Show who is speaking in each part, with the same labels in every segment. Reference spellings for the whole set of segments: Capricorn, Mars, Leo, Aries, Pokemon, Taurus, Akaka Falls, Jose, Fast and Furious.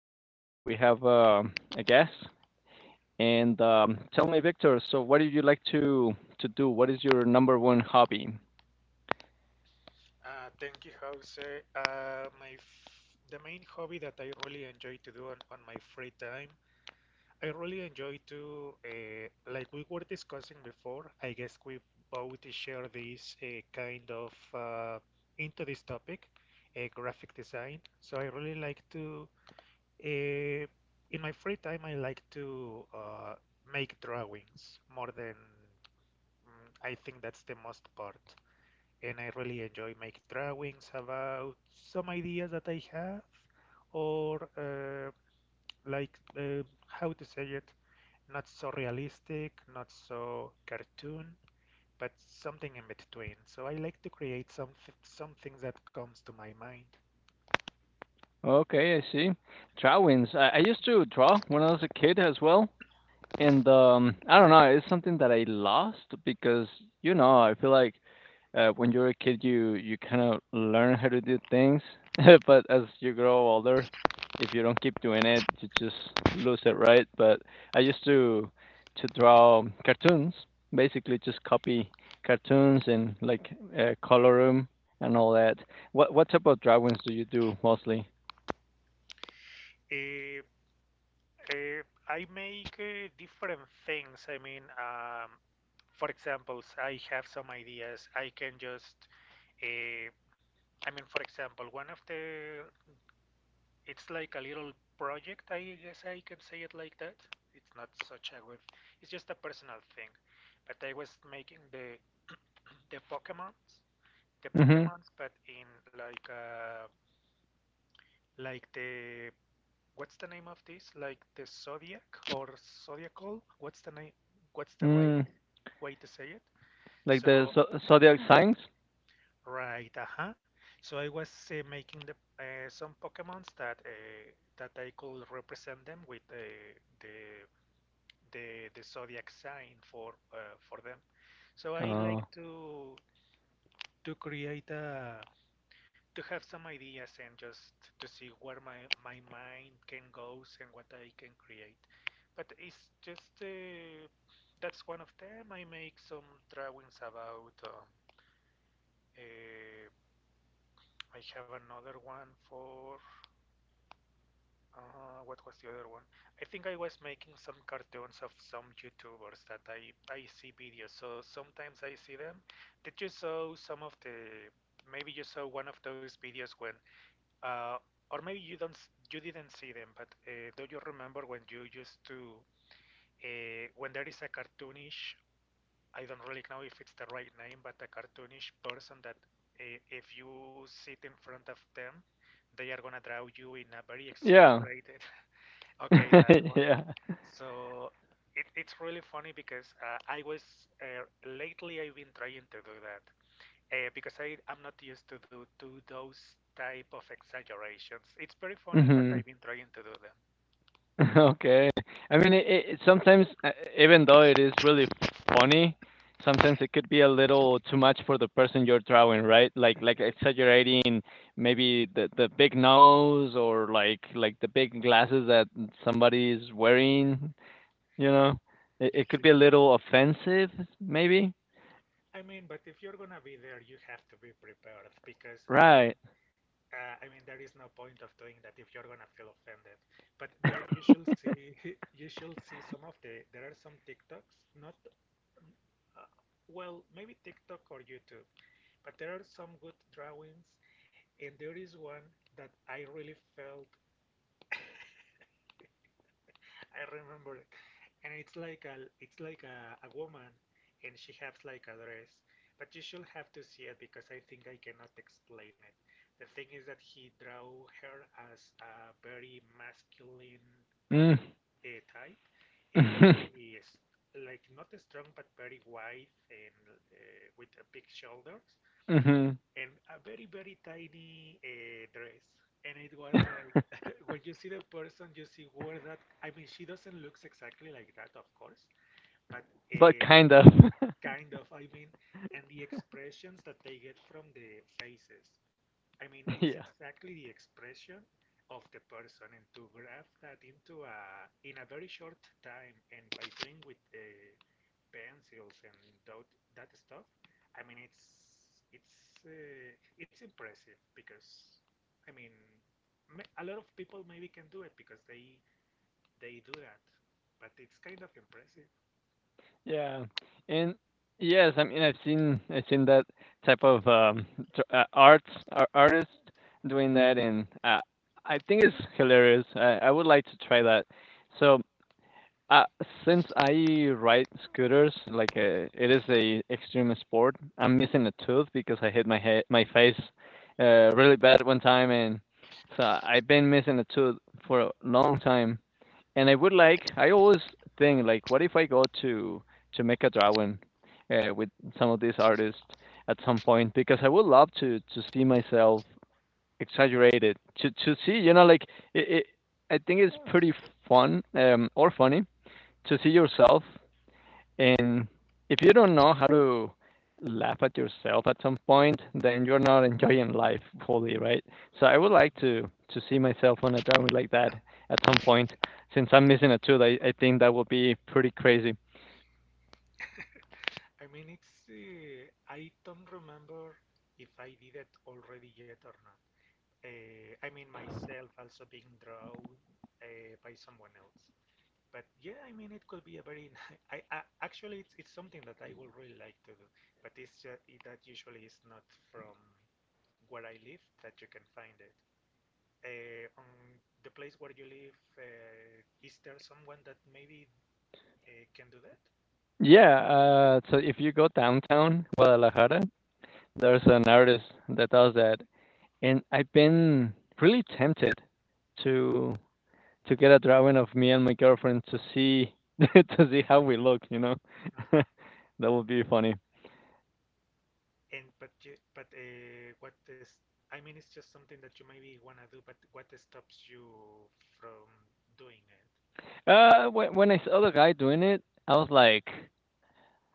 Speaker 1: and we have a guest. And Tell me, Victor. So, what do you like to do? What is your number one hobby?
Speaker 2: Thank you, Jose. My f The main hobby that I really enjoy to do on my free time, I really enjoy to like we were discussing before. I guess we both share this kind of into this topic, graphic design. So I really like to uh, in my free time I like to make drawings more than I think that's the most part, and I really enjoy make drawings about some ideas that I have or like how to say it, not so realistic, not so cartoon, but something in between. So I like to create some things that comes to my mind.
Speaker 1: Okay, I see. Drawings. I used to draw when I was a kid as well, and I don't know. It's something that I lost because I feel like when you're a kid, you kind of learn how to do things, but as you grow older, if you don't keep doing it, you just lose it, right? But I used to draw cartoons, basically just copy cartoons and like color 'em and all that. What type of drawings do you do mostly?
Speaker 2: Uh, uh, I make different things. I mean, for example, I have some ideas. I can just, uh, I mean, for example, one of the It's like a little project, I guess I can say it like that. It's not such a web. It's just a personal thing. But I was making the the Pokemons, the
Speaker 1: Mhm.
Speaker 2: Pokemons, but in like uh like the, what's the name of this? Like the zodiac or zodiacal? What's the name? What's the right
Speaker 1: Mm,
Speaker 2: way to say it?
Speaker 1: like the
Speaker 2: So
Speaker 1: zodiac signs?
Speaker 2: right, uh-huh. So I was making the some Pokemons that that I could represent them with the the zodiac sign for them. So I like
Speaker 1: Oh,
Speaker 2: to create a to have some ideas and just to see where my mind can goes and what I can create. But it's just that's one of them. I make some drawings about. Uh, I have another one for. What was the other one? I think I was making some cartoons of some YouTubers that I see videos, so sometimes I see them. Did you saw some of the, maybe you saw one of those videos when, uh, or maybe you don't, you didn't see them, but do you remember when you used to, when there is a cartoonish, I don't really know if it's the right name, but a cartoonish person that if you sit in front of them, they are gonna draw you in a very
Speaker 1: yeah,
Speaker 2: exaggerated. Okay, that one.
Speaker 1: yeah.
Speaker 2: So it's really funny because I was lately I've been trying to do that because I'm not used to do to those type of exaggerations. It's very funny, but
Speaker 1: Mhm.
Speaker 2: I've been trying to do them.
Speaker 1: Okay. I mean, it sometimes, even though it is really funny, sometimes it could be a little too much for the person you're drawing, right? Like exaggerating maybe the big nose or like the big glasses that somebody is wearing, you know? It
Speaker 2: You
Speaker 1: it could be a
Speaker 2: should.
Speaker 1: little offensive maybe?
Speaker 2: I mean, but if you're gonna be there, you have to be prepared because
Speaker 1: Right.
Speaker 2: I mean there is no point of doing that if you're gonna feel offended. But there, you should see, you should see some of the. There are some TikToks, not. Uh, well, maybe TikTok or YouTube, but there are some good drawings, and there is one that I really felt I remember it, and it's like a a woman, and she has like a dress. But you should have to see it because I think I cannot explain it. The thing is that he drew her as a very masculine
Speaker 1: Mm.
Speaker 2: body type, and very
Speaker 1: Mhm.
Speaker 2: s- like not strong but very wide and with big shoulders and a very, very tiny dress. And it was like, when you see the person, you see where that, I mean, she doesn't look exactly like that, of course, but
Speaker 1: But
Speaker 2: uh,
Speaker 1: kind of.
Speaker 2: kind of, I mean, and the expressions that they get from the faces. I mean, it's
Speaker 1: Yeah.
Speaker 2: exactly the expression of the person, and to graph that into a in a very short time, and by doing with pencils and that that stuff. I mean, it's uh, it's impressive because I mean, a lot of people maybe can do it because they do that, but it's kind of impressive.
Speaker 1: Yeah, and yes, I mean, I've seen that type of arts artist doing that, and I think it's hilarious. I would like to try that. So, uh, since I ride scooters, like it is a extreme sport, I'm missing a tooth because I hit my face really bad one time, and so I've been missing a tooth for a long time. And I would like, I always think like, what if I go to make a drawing with some of these artists at some point? Because I would love to see myself exaggerated, to see, you know, like it, it, I think it's pretty fun or funny to see yourself and if you don't know how to laugh at yourself at some point, then you're not enjoying life fully, right? So I would like to see myself on a driveway like that at some point. Since I'm missing a tooth, I think that would be pretty crazy.
Speaker 2: I mean, it's I don't remember if I did it already yet or not. I mean, myself also being drawn by someone else. But yeah, I mean, it could be a very. I actually, it's something that I would really like to do, but that usually is not from where I live that you can find it. On the place where you live, is there someone that maybe can do that?
Speaker 1: Yeah, so if you go downtown Guadalajara,
Speaker 2: Uh-huh.
Speaker 1: there's an artist that does that, and I've been really tempted to get a drawing of me and my girlfriend to see to see how we look, you know.
Speaker 2: Uh-huh.
Speaker 1: That would be funny.
Speaker 2: And but you, but what is? I mean, it's just something that you maybe wanna do, but what stops you from doing it?
Speaker 1: When I saw the guy doing it, I was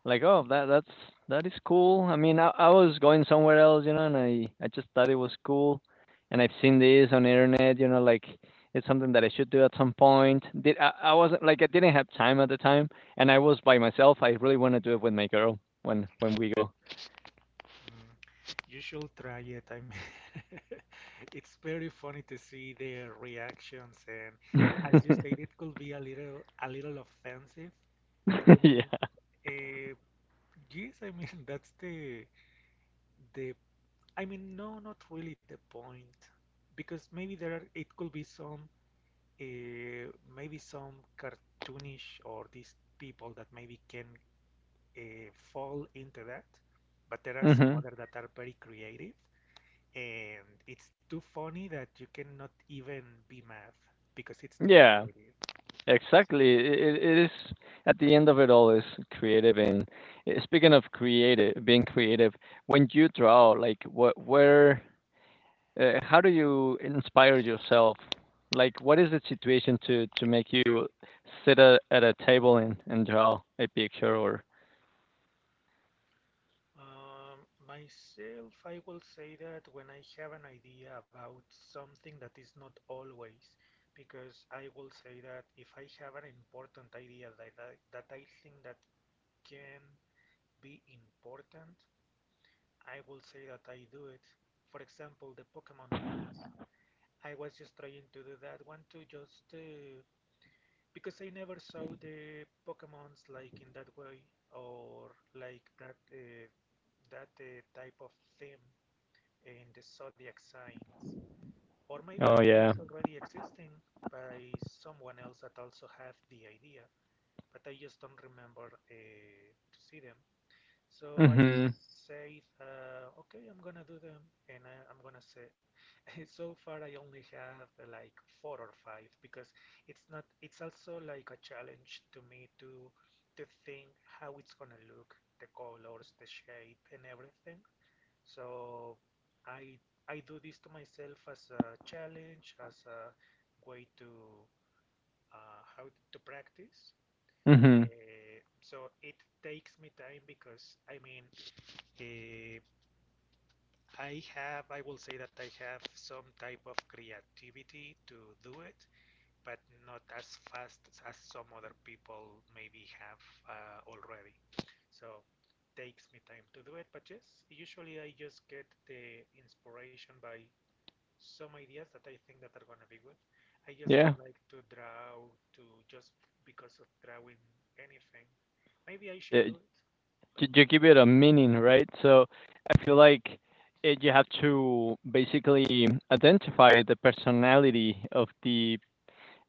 Speaker 1: like, oh, that's that is cool. I mean, I was going somewhere else, you know, and I just thought it was cool, and I've seen this on the internet, you know, like it's something that I should do at some point. I wasn't like I didn't have time at the time, and I was by myself. I really want to do it with my girl when we go.
Speaker 2: Mm. You should try it. I mean, it's very funny to see their reactions, and as you said, it could be a little offensive, but I mean,
Speaker 1: Yeah.
Speaker 2: uh, yes, I mean, that's the, I mean, no, not really the point, because maybe there are, it could be some, uh, maybe some cartoonish or these people that maybe can uh, fall into that, but there are some
Speaker 1: Hmm.
Speaker 2: other that are very creative, and it's too funny that you cannot even be mad because it's too
Speaker 1: Yeah,
Speaker 2: creative. So
Speaker 1: exactly. It is at the end of it all is creative. And speaking of creative, being creative, when you draw, like what, where, how do you inspire yourself? Like, what is the situation to make you sit at a table and draw a picture? Or
Speaker 2: um, myself, I will say that when I have an idea about something that is not always, because I will say that if I have an important idea that I think that can be important, I will say that I do it. For example, the Pokemon ones. I was just trying to do that one to just because I never saw the Pokemons like in that way, or like that type of theme in the zodiac signs. Or maybe
Speaker 1: oh yeah,
Speaker 2: it's already existing by someone else that also had the idea, but I just don't remember to see them. So I
Speaker 1: mhm,
Speaker 2: say, okay, I'm gonna do them, and I'm gonna say, so far I only have like four or five, because it's not. It's also like a challenge to me to think how it's gonna look, the colors, the shape, and everything. So I I do this to myself as a challenge, as a way to how to practice.
Speaker 1: mhm,
Speaker 2: So it takes me time because I mean Eh, I have, I will say that I have some type of creativity to do it, but not as fast as some other people maybe have already. So takes me time to do it, but yes, usually I just get the inspiration by some ideas that I think that are gonna be good. I just
Speaker 1: yeah.
Speaker 2: don't like to draw to just because of drawing anything. Maybe I should
Speaker 1: Eh,
Speaker 2: do it,
Speaker 1: You
Speaker 2: but mm,
Speaker 1: give it a meaning, right? So I feel like you have to basically identify the personality of the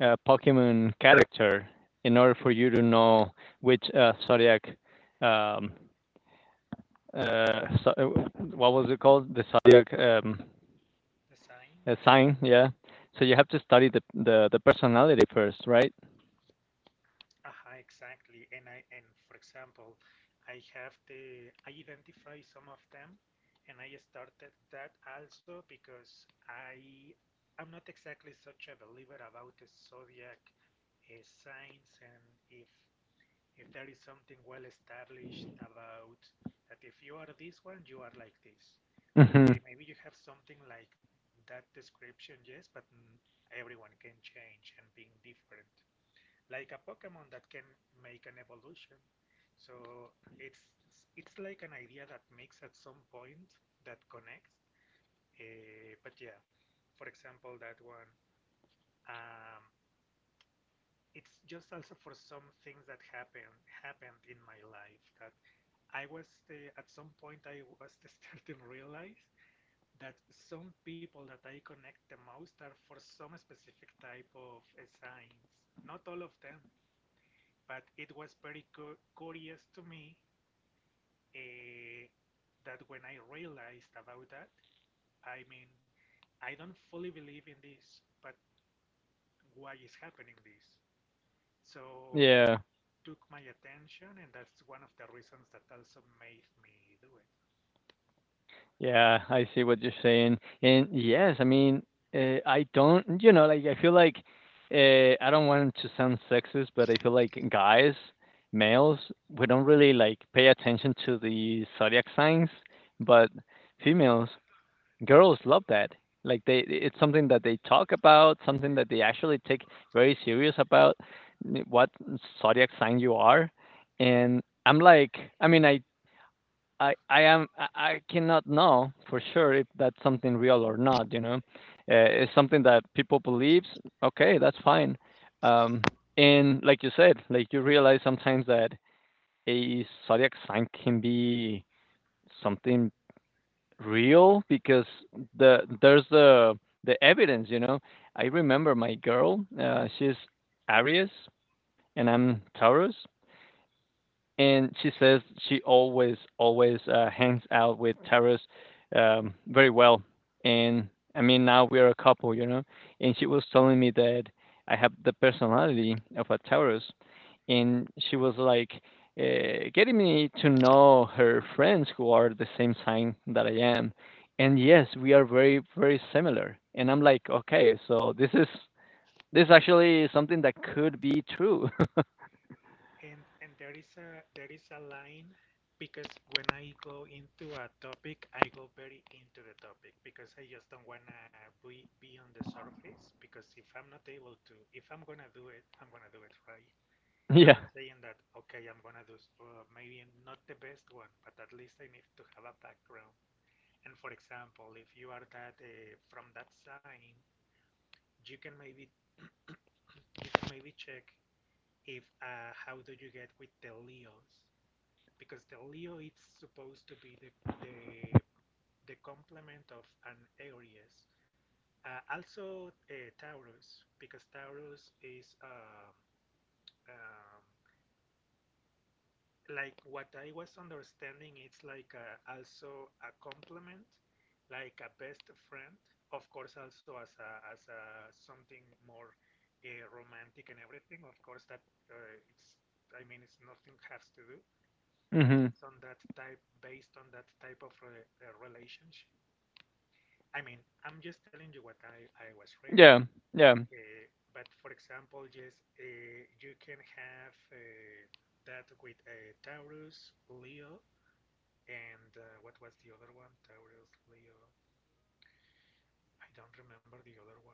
Speaker 1: Pokemon character in order for you to know which um, uh, so, uh, what was it called? The zodiac,
Speaker 2: the signs.
Speaker 1: sign, yeah. So you have to study the personality first, right?
Speaker 2: Uh-huh, exactly. And for example, I identify some of them, and I started that also because I'm not exactly such a believer about the zodiac signs and if if there is something well established about that, if you are this one you are like this.
Speaker 1: Hmm.
Speaker 2: Okay, maybe you have something like that description, yes, but mm, everyone can change and being different, like a Pokemon that can make an evolution. So it's it's, like an idea that makes at some point that connects. But yeah, for example, that one. Um, it's just also for some things that happened in my life that I was at some point I was starting to realize that some people that I connect the most are for some specific type of signs. Not all of them, but it was very cu curious to me uh, that when I realized about that, I mean, I don't fully believe in this, but why is happening this? So that
Speaker 1: Yeah.
Speaker 2: took my attention, and that's one of the reasons that also made me do it.
Speaker 1: Yeah, I see what you're saying. And yes, I mean, I don't, you know, like I feel like I don't want to sound sexist, but I feel like guys, males, we don't really like pay attention to the zodiac signs, but females, girls love that. Like they, it's something that they talk about, something that they actually take very serious about what zodiac sign you are. And I'm like, I mean, I am I cannot know for sure if that's something real or not. You know, it's something that people believes. Okay, that's fine. Um, and like you said, like you realize sometimes that a zodiac sign can be something real because there's the evidence. You know, I remember my girl. She's Aries and I'm Taurus, and she says she always hangs out with Taras very well. And I mean, now we are a couple, you know. And she was telling me that I have the personality of a Taurus, and she was like getting me to know her friends who are the same sign that I am. And yes, we are very similar. And I'm like, okay, so this actually is something that could be true.
Speaker 2: And there is a line, because when I go into a topic, I go very into the topic because I just don't wanna be on the surface, because if I'm not able to, if I'm gonna do it, I'm gonna do it right. I'm
Speaker 1: Yeah.
Speaker 2: not saying that, okay, I'm gonna do maybe not the best one, but at least I need to have a background. And for example, if you are that from that sign, you can maybe check if how do you get with the Leos, because the Leo is supposed to be the, the complement of an Aries. Also Taurus, because Taurus is um like what I was understanding. It's like also a complement, like a best friend. Of course, also as a something more romantic and everything. Of course, that it's I mean it's nothing has to do, but
Speaker 1: Hmm.
Speaker 2: it's on that type, based on that type of re relationship. I mean, I'm just telling you what I was reading.
Speaker 1: Yeah. Yeah.
Speaker 2: But for example, yes, you can have that with Taurus, Leo, and what was the other one? Taurus, Leo. I don't remember the other one.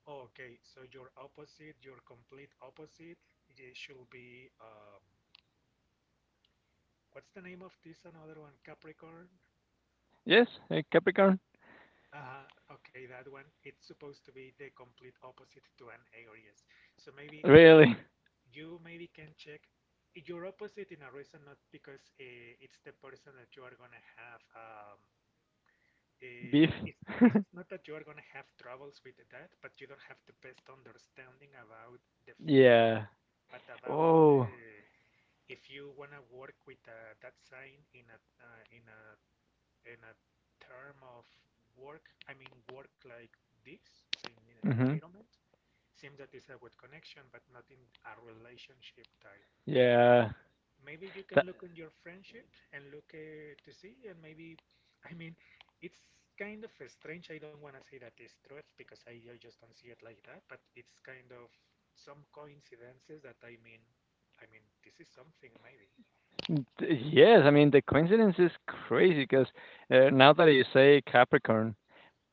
Speaker 2: Oh, okay, so your opposite, your complete opposite, it should be what's the name of this another one? Capricorn,
Speaker 1: Yes, a Capricorn.
Speaker 2: Uh, okay, that one. It's supposed to be the complete opposite to an Aries. So maybe
Speaker 1: Really?
Speaker 2: you maybe can check your opposite in a reason, not because it's the person that you are gonna have.
Speaker 1: Beef?
Speaker 2: It's not that you are gonna have troubles with that, but you don't have the best understanding about the feeling,
Speaker 1: Yeah.
Speaker 2: but about
Speaker 1: Oh.
Speaker 2: if you wanna work with that sign in a in a in a term of work, I mean work like this in
Speaker 1: Hmm.
Speaker 2: environment, seems that it's a good connection, but not in a relationship type.
Speaker 1: Yeah.
Speaker 2: Maybe you
Speaker 1: That,
Speaker 2: can look on your friendship and look to see, and maybe, I mean, it's kind of strange. I don't want to say that it's truth because I just don't see it like that, but it's kind of some coincidences that I mean, this is something maybe.
Speaker 1: yes, I mean, the coincidence is crazy because now that you say Capricorn,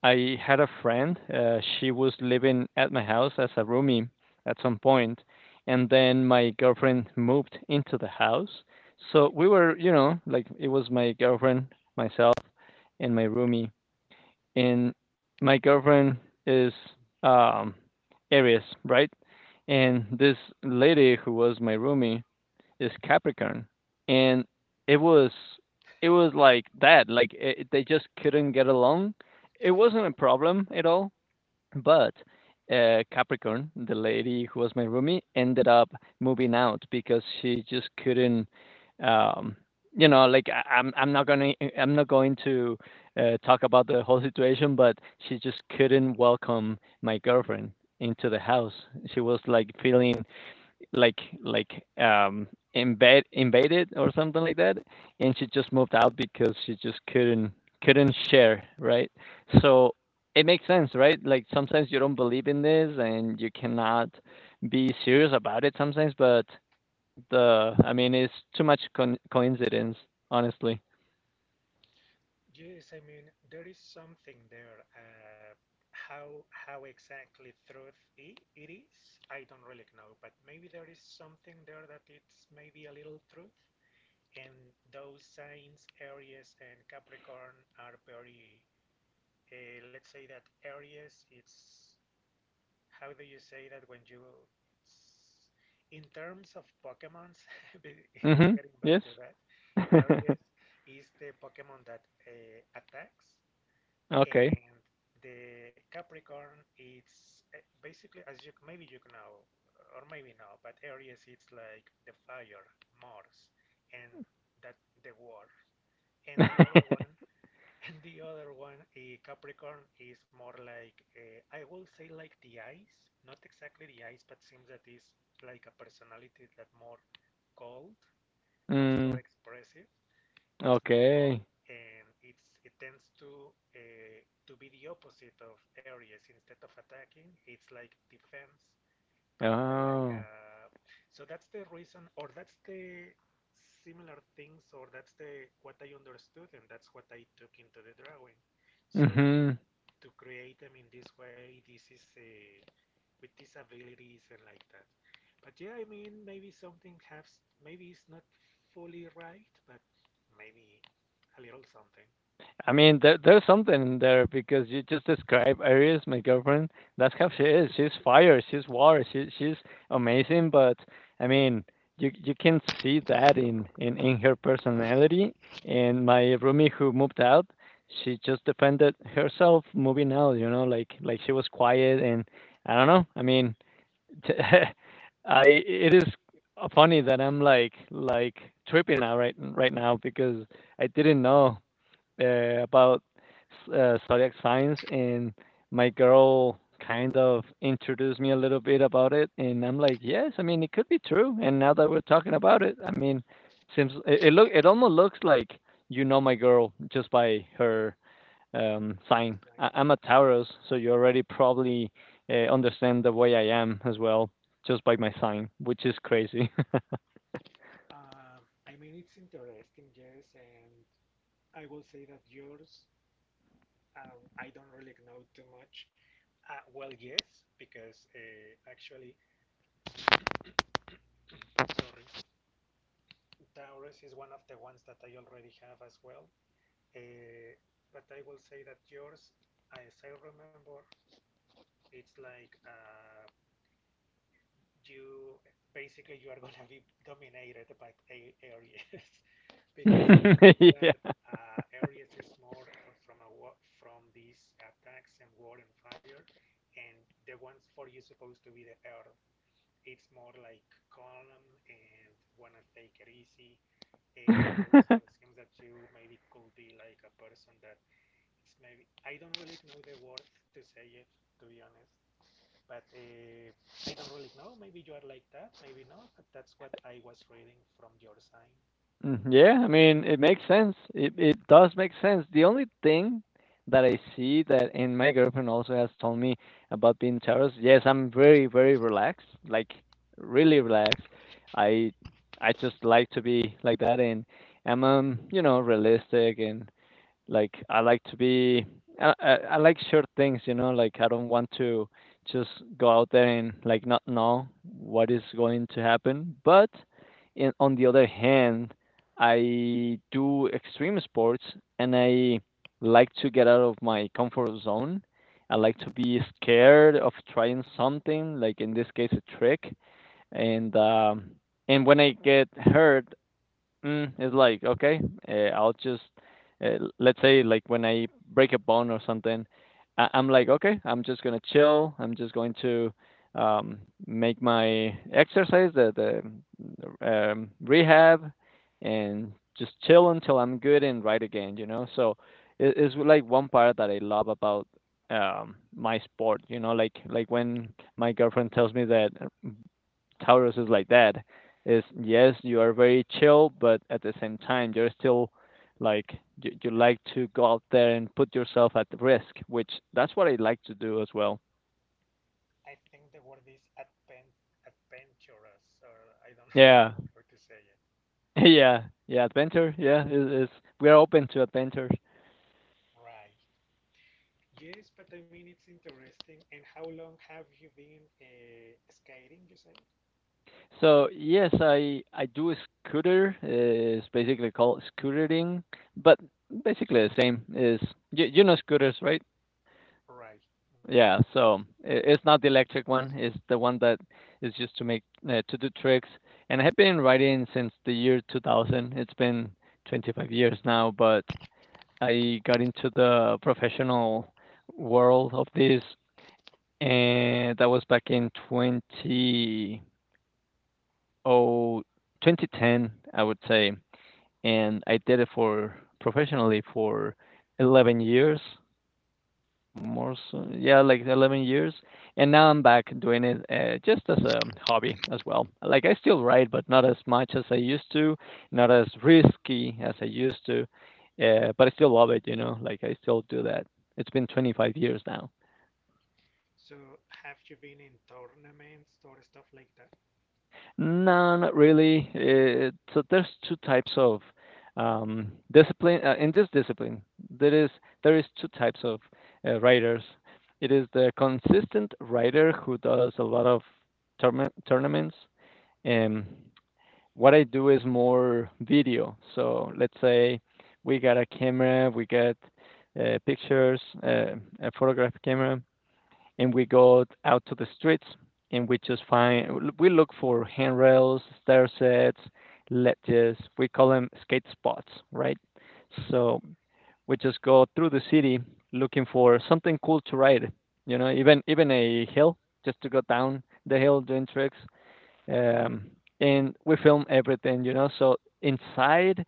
Speaker 1: I had a friend. She was living at my house as a roomie at some point, and then my girlfriend moved into the house. So we were, you know, like it was my girlfriend, myself, and my roomie. And my girlfriend is um Aries, right? And this lady who was my roomie is Capricorn, and it was it was like that. Like it, they just couldn't get along. It wasn't a problem at all. But Capricorn, the lady who was my roomie, ended up moving out because she just couldn't. Um, you know, like I'm not gonna, I'm not going to talk about the whole situation, but she just couldn't welcome my girlfriend into the house. She was like feeling like embed invaded or something like that, and she just moved out because she just couldn't share, right? So it makes sense, right? Like sometimes you don't believe in this and you cannot be serious about it sometimes, but the, I mean, it's too much coincidence, honestly.
Speaker 2: Yes, I mean, there is something there. How exactly truth I it is, I don't really know, but maybe there is something there that it's maybe a little truth. And those signs, Aries and Capricorn, are very, let's say that Aries, it's, how do you say that when you, in terms of Pokemons, be-
Speaker 1: Mhm.
Speaker 2: getting back
Speaker 1: Yes.
Speaker 2: to that, Aries is the Pokemon that attacks
Speaker 1: Okay.
Speaker 2: and the Capricorn it's basically as you maybe you know or maybe not, but Aries it's like the fire, Mars, and that the war, and the other one, and the other one, Capricorn is more like I will say like the ice, not exactly the ice, but seems that is like a personality that more cold, not so
Speaker 1: Mm,
Speaker 2: expressive, it's more
Speaker 1: okay.
Speaker 2: cold and it tends to be the opposite of Aries. Instead of attacking, it's like defense. But
Speaker 1: Oh.
Speaker 2: so that's the reason, or that's the similar things, or that's the what I understood, and that's what I took into the drawing. So
Speaker 1: Mhm.
Speaker 2: to create them in this way, this is a with disabilities and like that. But yeah, I mean, maybe something has, maybe it's not fully right, but maybe a little something.
Speaker 1: I mean, there, there's something in there because you just describe Aries, my girlfriend. That's how she is. She's fire. She's water. She's amazing. But I mean, you can see that in her personality. And my roomie who moved out, she just defended herself moving out. You know, like she was quiet and I don't know. I mean, t- I, it is funny that I'm like tripping out right now because I didn't know about zodiac signs, and my girl kind of introduced me a little bit about it, and I'm like, yes, I mean it could be true. And now that we're talking about it, I mean, seems it almost looks like you know my girl just by her sign.
Speaker 2: That's right.
Speaker 1: I'm a Taurus, so you already probably understand the way I am as well just by my sign, which is crazy.
Speaker 2: Um, I mean, it's interesting, yes, and I will say that yours, I don't really know too much. Well, yes, because actually, sorry, Taurus is one of the ones that I already have as well. Uh, but I will say that yours, as I remember, it's like you basically you are gonna be dominated by a- Aries because it seems that Aries is more from a from these attacks and war and fire, and the ones for you supposed to be the Earth. It's more like calm and wanna take it easy, but
Speaker 1: Yeah.
Speaker 2: also it seems that you maybe could be like a person that it's maybe I don't really know the words to say it to be honest. But I don't really know. Maybe you are like that, maybe not. But that's what I was reading from your sign.
Speaker 1: Mhm, yeah, I mean, it makes sense. It does make sense. The only thing that I see that and my girlfriend also has told me about being terrorist, yes, I'm very relaxed, like really relaxed. I I just like to be like that and I'm you know, realistic and like, I like to be I like sure things, you know, like, I don't want to just go out there and, like, not know what is going to happen, but in on the other hand, I do extreme sports, and I like to get out of my comfort zone. I like to be scared of trying something, like, in this case, a trick, and, um and when I get hurt, Mm, it's like, okay, I'll just, let's say, like when I break a bone or something, I'm like, okay, I'm just gonna chill. I'm just going to um, make my exercise, the rehab, and just chill until I'm good and right again, you know. So it's like one part that I love about my sport, you know, like when my girlfriend tells me that Taurus is like that. Is yes, you are very chill, but at the same time, you're still like you like to go out there and put yourself at risk, which that's what I like to do as well.
Speaker 2: I think the word is advent, adventurous, or I don't really
Speaker 1: Yeah,
Speaker 2: know how to say it.
Speaker 1: yeah, yeah. Adventure. Yeah, is we are open to adventures.
Speaker 2: Right. Yes, but I mean it's interesting. And how long have you been skating? You say?
Speaker 1: So yes, I do a scooter. It's basically called scootering, but basically the same is you know scooters, right?
Speaker 2: Right. Mhm.
Speaker 1: Yeah, so it's not the electric one. It's the one that is used to make to do tricks. And I have been riding since the year 2000. It's been 25 years now, but I got into the professional world of this, and that was back in oh, 2010, I would say. And I did it for professionally for 11 years. More so, yeah, like 11 years. And now I'm back doing it just as a hobby as well. Like I still write, but not as much as I used to, not as risky as I used to. But I still love it, like I still do that. It's been 25 years now.
Speaker 2: So have you been in tournaments or stuff like that?
Speaker 1: No, not really. So there's two types of discipline. In this discipline, there is there is two types of writers. It is the consistent writer who does a lot of tournaments. And what I do is more video. So let's say we got a camera, we get pictures, a photograph camera, and we go out to the streets and we just find we look for handrails, stair sets, ledges. We call them skate spots, right? So we just go through the city looking for something cool to ride. You know, even a hill just to go down the hill doing tricks. Um, and we film everything. You know, so inside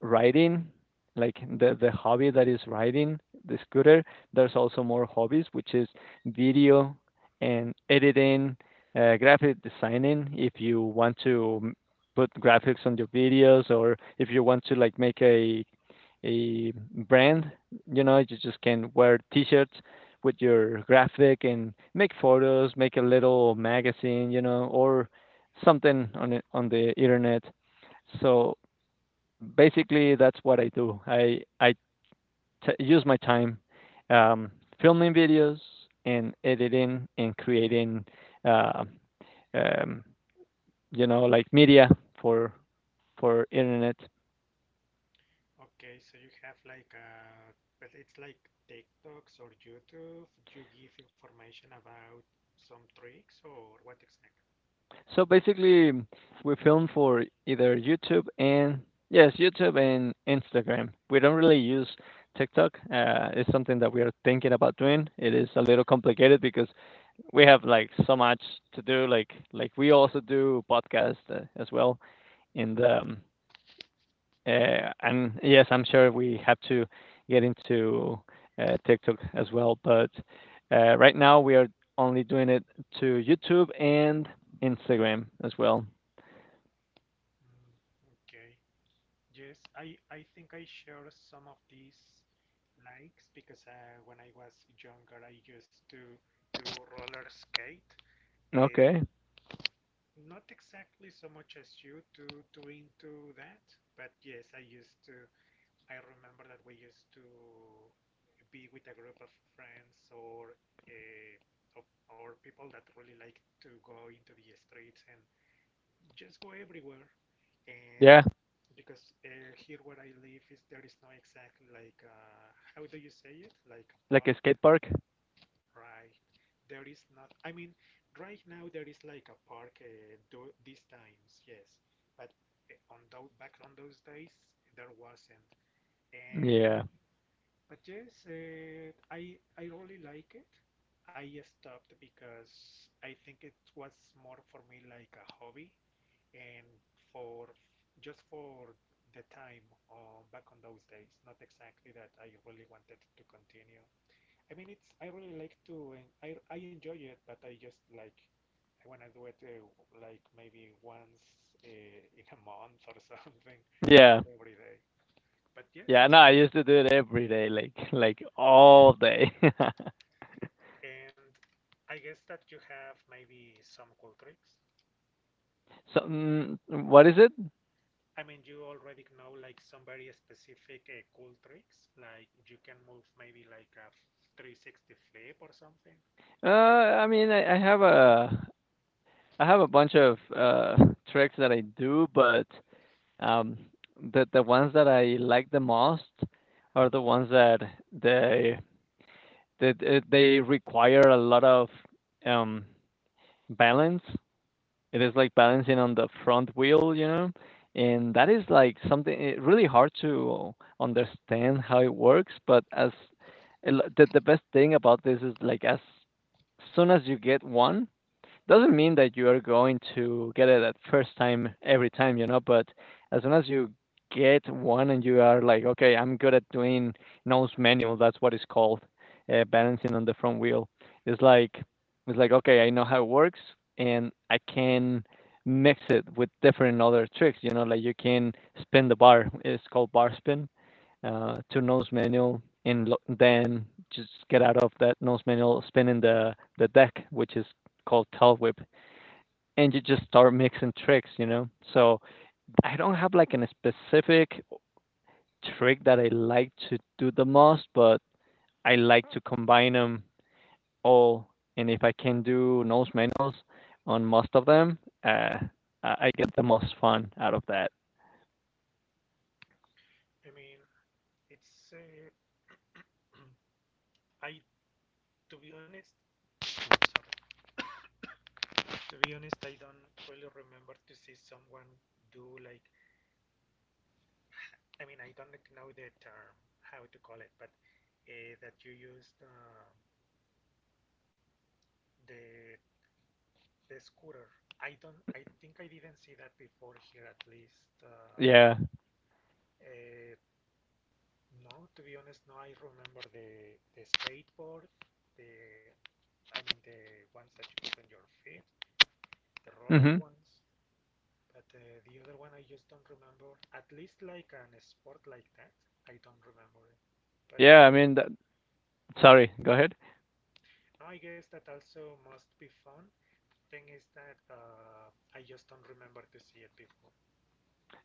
Speaker 1: riding, like the hobby that is riding the scooter. There's also more hobbies, which is video and editing, graphic designing. If you want to put graphics on your videos, or if you want to like make a brand, you know, you just can wear T-shirts with your graphic and make photos, make a little magazine, you know, or something on it, on the internet. So basically that's what I do. I use my time um, filming videos and editing and creating, uh, um, like media for
Speaker 2: Mhm.
Speaker 1: for internet.
Speaker 2: Okay, so you have like uh, but it's like TikToks or YouTube. You give information about some tricks or what exactly?
Speaker 1: So basically, we film for either YouTube and yes, YouTube and Instagram. We don't really use TikTok. It's something that we are thinking about doing. It is a little complicated because we have like so much to do. Like we also do podcast as well. And um, and yes, I'm sure we have to get into TikTok as well. But right now we are only doing it to YouTube and Instagram as well.
Speaker 2: Mm, okay. Yes, I think I share some of these likes because when I was younger, I used to do roller skate. Uh,
Speaker 1: Okay.
Speaker 2: not exactly so much as you to into that, but yes, I used to. I remember that we used to be with a group of friends or uh, of or people that really like to go into the streets and just go everywhere. And
Speaker 1: Yeah.
Speaker 2: because here where I live is there is no exact like how do you say it like a
Speaker 1: Like a
Speaker 2: park,
Speaker 1: skate park.
Speaker 2: right? There is not. I mean, right now there is like a park do, these times, yes, but on those back on those days there wasn't. And
Speaker 1: Yeah.
Speaker 2: but yes, I really like it. I stopped because I think it was more for me like a hobby and for just for the time back on those days. Not exactly that I really wanted to continue. I mean, it's I really like to eh, I enjoy it, but I just like I wanna do it like maybe once in a month or something, not
Speaker 1: Yeah.
Speaker 2: every day. But yes,
Speaker 1: Yeah.
Speaker 2: it's
Speaker 1: No, I
Speaker 2: fun.
Speaker 1: used to do it every day, like like all day.
Speaker 2: And I guess that you have maybe some cool tricks.
Speaker 1: So what is it?
Speaker 2: I mean, you already know like some very specific cool tricks, like you can move maybe like a 360 flip or something.
Speaker 1: I mean, I have a bunch of tricks that I do, but um, the ones that I like the most are the ones that they they require a lot of um, balance. It is like balancing on the front wheel, you know, and that is like something really hard to understand how it works. But as the best thing about this is like as soon as you get one doesn't mean that you are going to get it at first time every time, you know, but as soon as you get one and you are like, okay, I'm good at doing nose manual, that's what it's called, balancing on the front wheel. It's like it's like okay, I know how it works and I can mix it with different other tricks, you know, like you can spin the bar. It's called bar spin to nose manual and then just get out of that nose manual, spin in the deck, which is called tail whip, and you just start mixing tricks, you know? So I don't have like a specific trick that I like to do the most, but I like to combine them all. And if I can do nose manuals on most of them, uh, I I get the most fun out of that.
Speaker 2: I mean, it's I to be honest, I'm sorry. To be honest, I don't really remember to see someone do like. I mean, I don't know the term how to call it, but that you used the the scooter. I don't. I think I didn't see that before here. At least,
Speaker 1: Yeah.
Speaker 2: uh, no. To be honest, no. I remember the skateboard, the I mean the ones that you put on your feet, the roller
Speaker 1: Hmm.
Speaker 2: ones. But the other one, I just don't remember. At least like an sport like that, I don't remember it. But I
Speaker 1: Yeah. I
Speaker 2: guess,
Speaker 1: mean, sorry. Go ahead.
Speaker 2: no, I guess that also must be fun. Thing is that I just don't remember to see it before.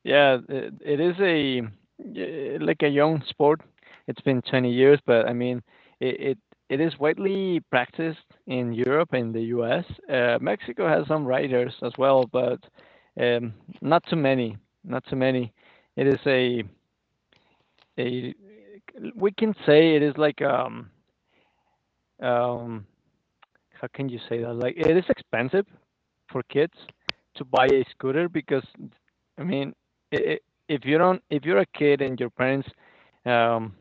Speaker 1: Yeah, it is a like a young sport. It's been 20 years, but I mean, it it, it is widely practiced in Europe and the US. Mexico has some riders as well, but um, not too many. Not too many. It is a we can say it is like um how can you say that? Like it is expensive for kids to buy a scooter because I mean, I if you don't, if you're a kid and um,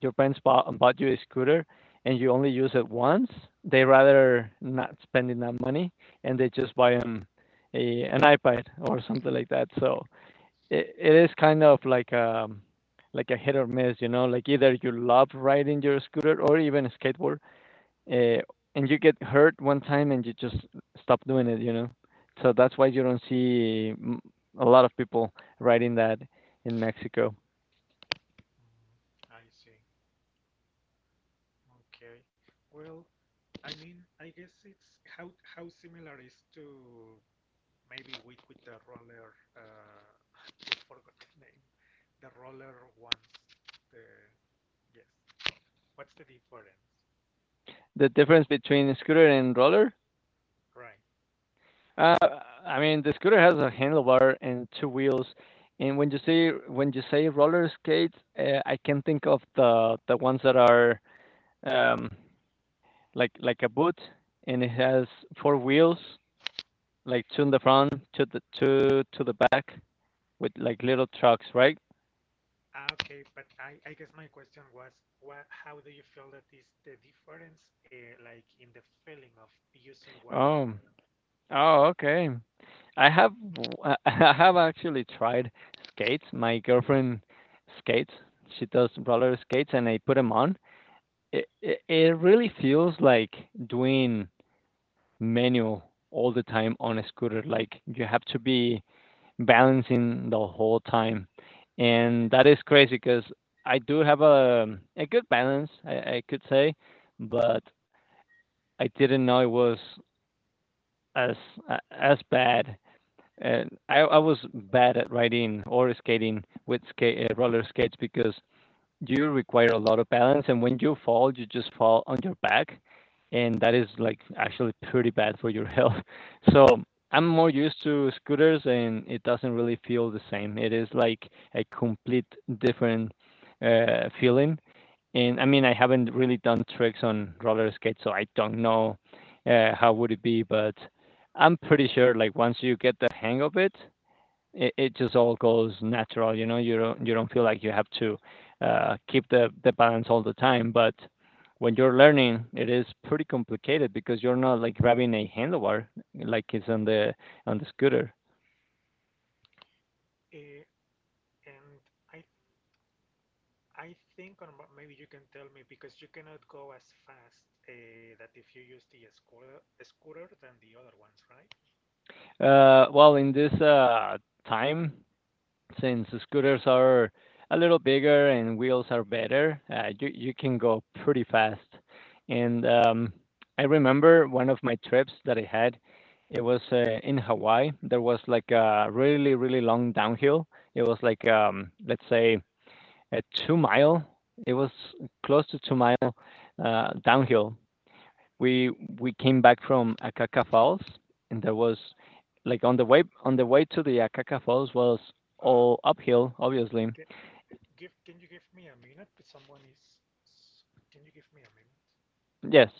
Speaker 1: your parents bought you a scooter and you only use it once, they rather not spending that money and they just buy a an iPad or something like that. So it is kind of like a hit or miss, you know, like either you love riding your scooter or even a skateboard uh, and you get hurt one time and you just stop doing it, you know? So that's why you don't see a lot of people riding that in Mexico.
Speaker 2: Mm, I see. Okay. Well, I mean, I guess it's how similar is to maybe we with the roller. I forgot the name. The roller ones. The yes. What's the difference?
Speaker 1: The difference between scooter and roller?
Speaker 2: Right.
Speaker 1: Uh, I mean, the scooter has a handlebar and two wheels. And when you say roller skates, I can think of the ones that are um, like a boot, and it has four wheels, like two in the front, two the two to the back, with like little trucks, right?
Speaker 2: Ah, okay. But I guess my question was, what? How do you feel that is the difference, like in the feeling of using one or
Speaker 1: Oh,
Speaker 2: another?
Speaker 1: oh, okay. I have I have actually tried skates. My girlfriend skates. She does roller skates, and I put them on. It really feels like doing manual all the time on a scooter. Like you have to be balancing the whole time, and that is crazy because I do have a good balance, I could say, but I didn't know it was as as bad. And I was bad at riding or skating with roller skates because you require a lot of balance, and when you fall, you just fall on your back, and that is like actually pretty bad for your health. So I'm
Speaker 2: Mm.
Speaker 1: more used to scooters, and it doesn't really feel the same. It is like a complete different feeling, and I mean, I haven't really done tricks on roller skates, so I don't know how would it be, but I'm pretty sure like once you get the hang of it, it just all goes natural. You know, you don't feel like you have to keep the balance all the time. But when you're learning, it is pretty complicated because you're not like grabbing a handlebar like it's on the scooter.
Speaker 2: Uh, and I I think, or m- maybe you can tell me, because you cannot go as fast that if you use the scooter than the other ones, right?
Speaker 1: Well, in this time since the scooters are a little bigger and wheels are better, you you can go pretty fast. And
Speaker 2: Mhm.
Speaker 1: I remember one of my trips that I had. It was in Hawaii. There was like a really really long downhill. It was like let's say a two mile. It was close to two mile downhill, we we came back from Akaka Falls, and there was like on the way to the Akaka Falls was
Speaker 2: Um,
Speaker 1: all uphill, obviously.
Speaker 2: can give can you give me a minute? Someone is. S- Can you give me a minute?
Speaker 1: Yes.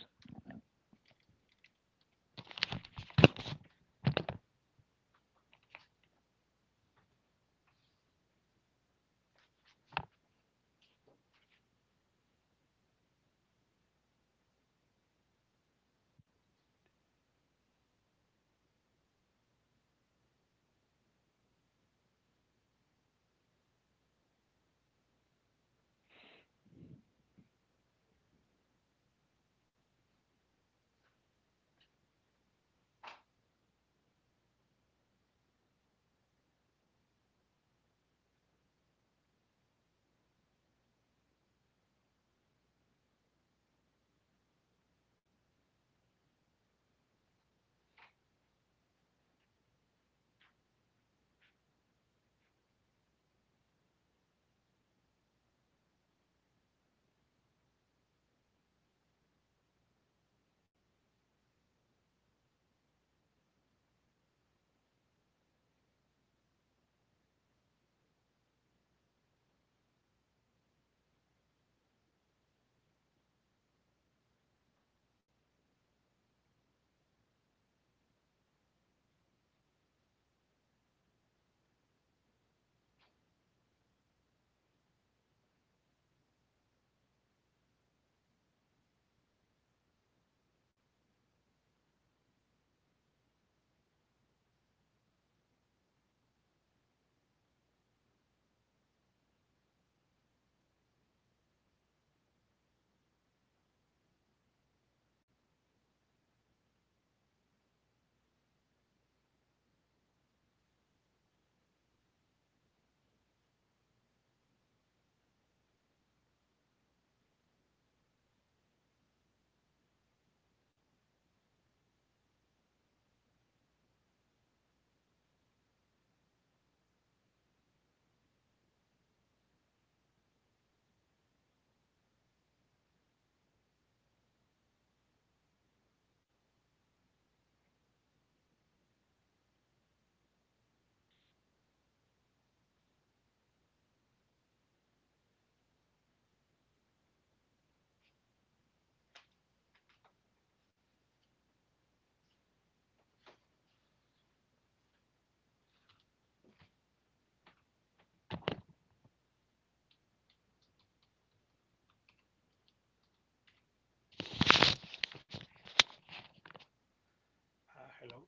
Speaker 2: Hello.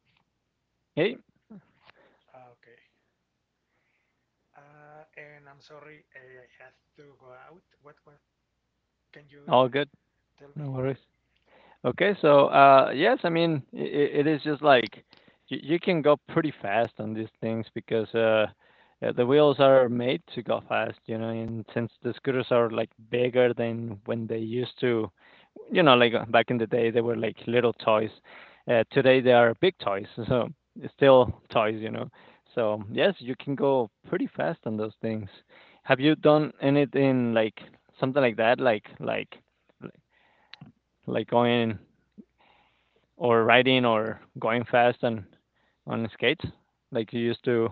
Speaker 1: Hey,
Speaker 2: Okay. And I'm sorry, I have to go out. What can you
Speaker 1: all good.
Speaker 2: tell me?
Speaker 1: No worries. Okay, so yes, I mean it is just like you can go pretty fast on these things because the wheels are made to go fast, you know. And since the scooters are like bigger than when they used to, you know, like back in the day they were like little toys. Today they are big toys, so it's still toys, you know. So yes, you can go pretty fast on those things. Have you done anything like something like that, like like going or riding or going fast on skates like you used to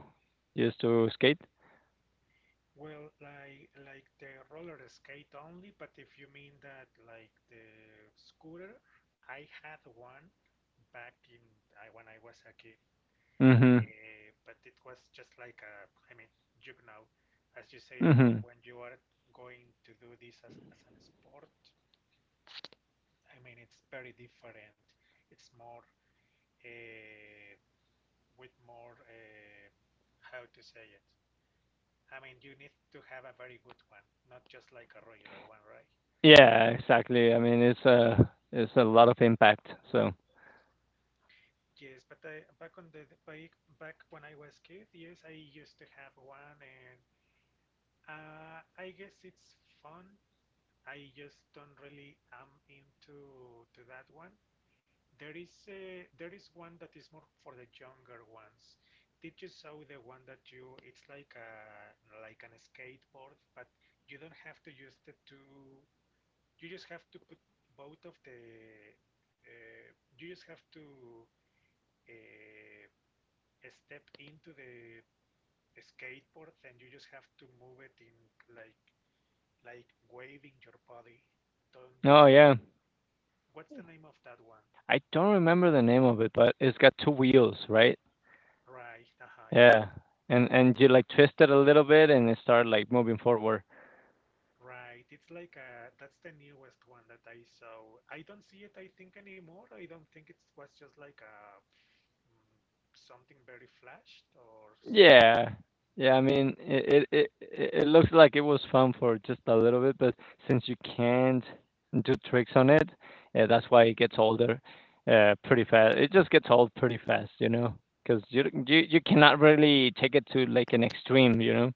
Speaker 1: used to skate?
Speaker 2: Well, like the roller skate only, but if you mean that like the scooter, I had one back in I, when I was a kid,
Speaker 1: Mhm.
Speaker 2: but it was just like a, I mean, you know, as you said, oh,
Speaker 1: Mhm.
Speaker 2: when you are going to do this as an sport, I mean, it's very different. It's more uh, with more how to say it. I mean, you need to have a very good one, not just like a regular one, right?
Speaker 1: Yeah, exactly. I mean, it's a lot of impact. So,
Speaker 2: Yes, but I, back on the back back when I was kid, yes, I used to have one, and I guess it's fun. I just don't really am into to that one. There is a, there is one that is more for the younger ones. Did you saw the one that you? It's like a like an skateboard, but you don't have to use the two. You just have to put both of the. Uh, you just have to. Uh, step into the skateboard and you just have to move it in like like waving your body. Don't
Speaker 1: oh
Speaker 2: just
Speaker 1: yeah,
Speaker 2: what's the name of that one?
Speaker 1: I don't remember the name of it, but it's got two wheels, right?
Speaker 2: Right,
Speaker 1: Yeah, and you like twist it a little bit and it start like moving forward.
Speaker 2: right. It's like a that's the newest one that I saw. I don't see it I think anymore. I don't think it was just like a mm, something very flashed or some
Speaker 1: Yeah. Yeah, I mean, it looks like it was fun for just a little bit, but since you can't do tricks on it, that's why it gets older, pretty
Speaker 2: mm,
Speaker 1: fast. It just gets old pretty fast, you know, because you you cannot really take it to, like, an extreme, you know?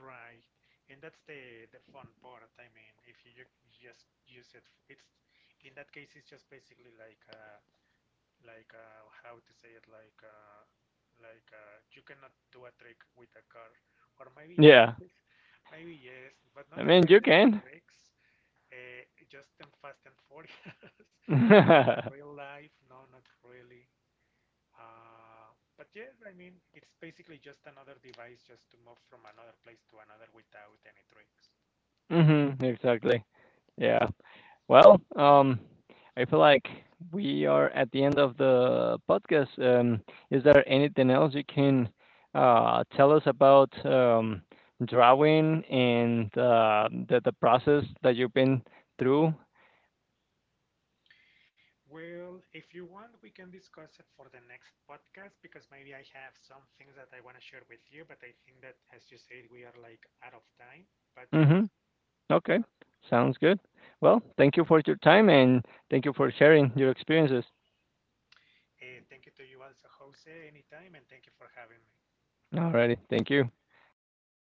Speaker 2: right. And that's the fun part. I mean, if you ju- just use it, f- it's in that case it's just basically like a like how to say it like you cannot do a trick with a car or maybe yes
Speaker 1: Yeah.
Speaker 2: maybe yes but
Speaker 1: I
Speaker 2: not
Speaker 1: mean, you
Speaker 2: exactly like
Speaker 1: can.
Speaker 2: tricks uh, just in Fast and Furious but in the real life no not really but yes I mean it's basically just another device just to move from another place to another without any tricks.
Speaker 1: Mhm, exactly. Yeah. Well, I feel like we are at the end of the podcast. Is there anything else you can tell us about drawing and the process that you've been through?
Speaker 2: Well, if you want, we can discuss it for the next podcast because maybe I have some things that I want to share with you, but I think that, as you said, we are like out of time. But yes,
Speaker 1: Mm-hmm. Okay,
Speaker 2: not,
Speaker 1: sounds good. Well, thank you for your time and thank you for sharing your experiences.
Speaker 2: thank you to you also, Jose, anytime, and thank you for having me.
Speaker 1: Alrighty, thank you.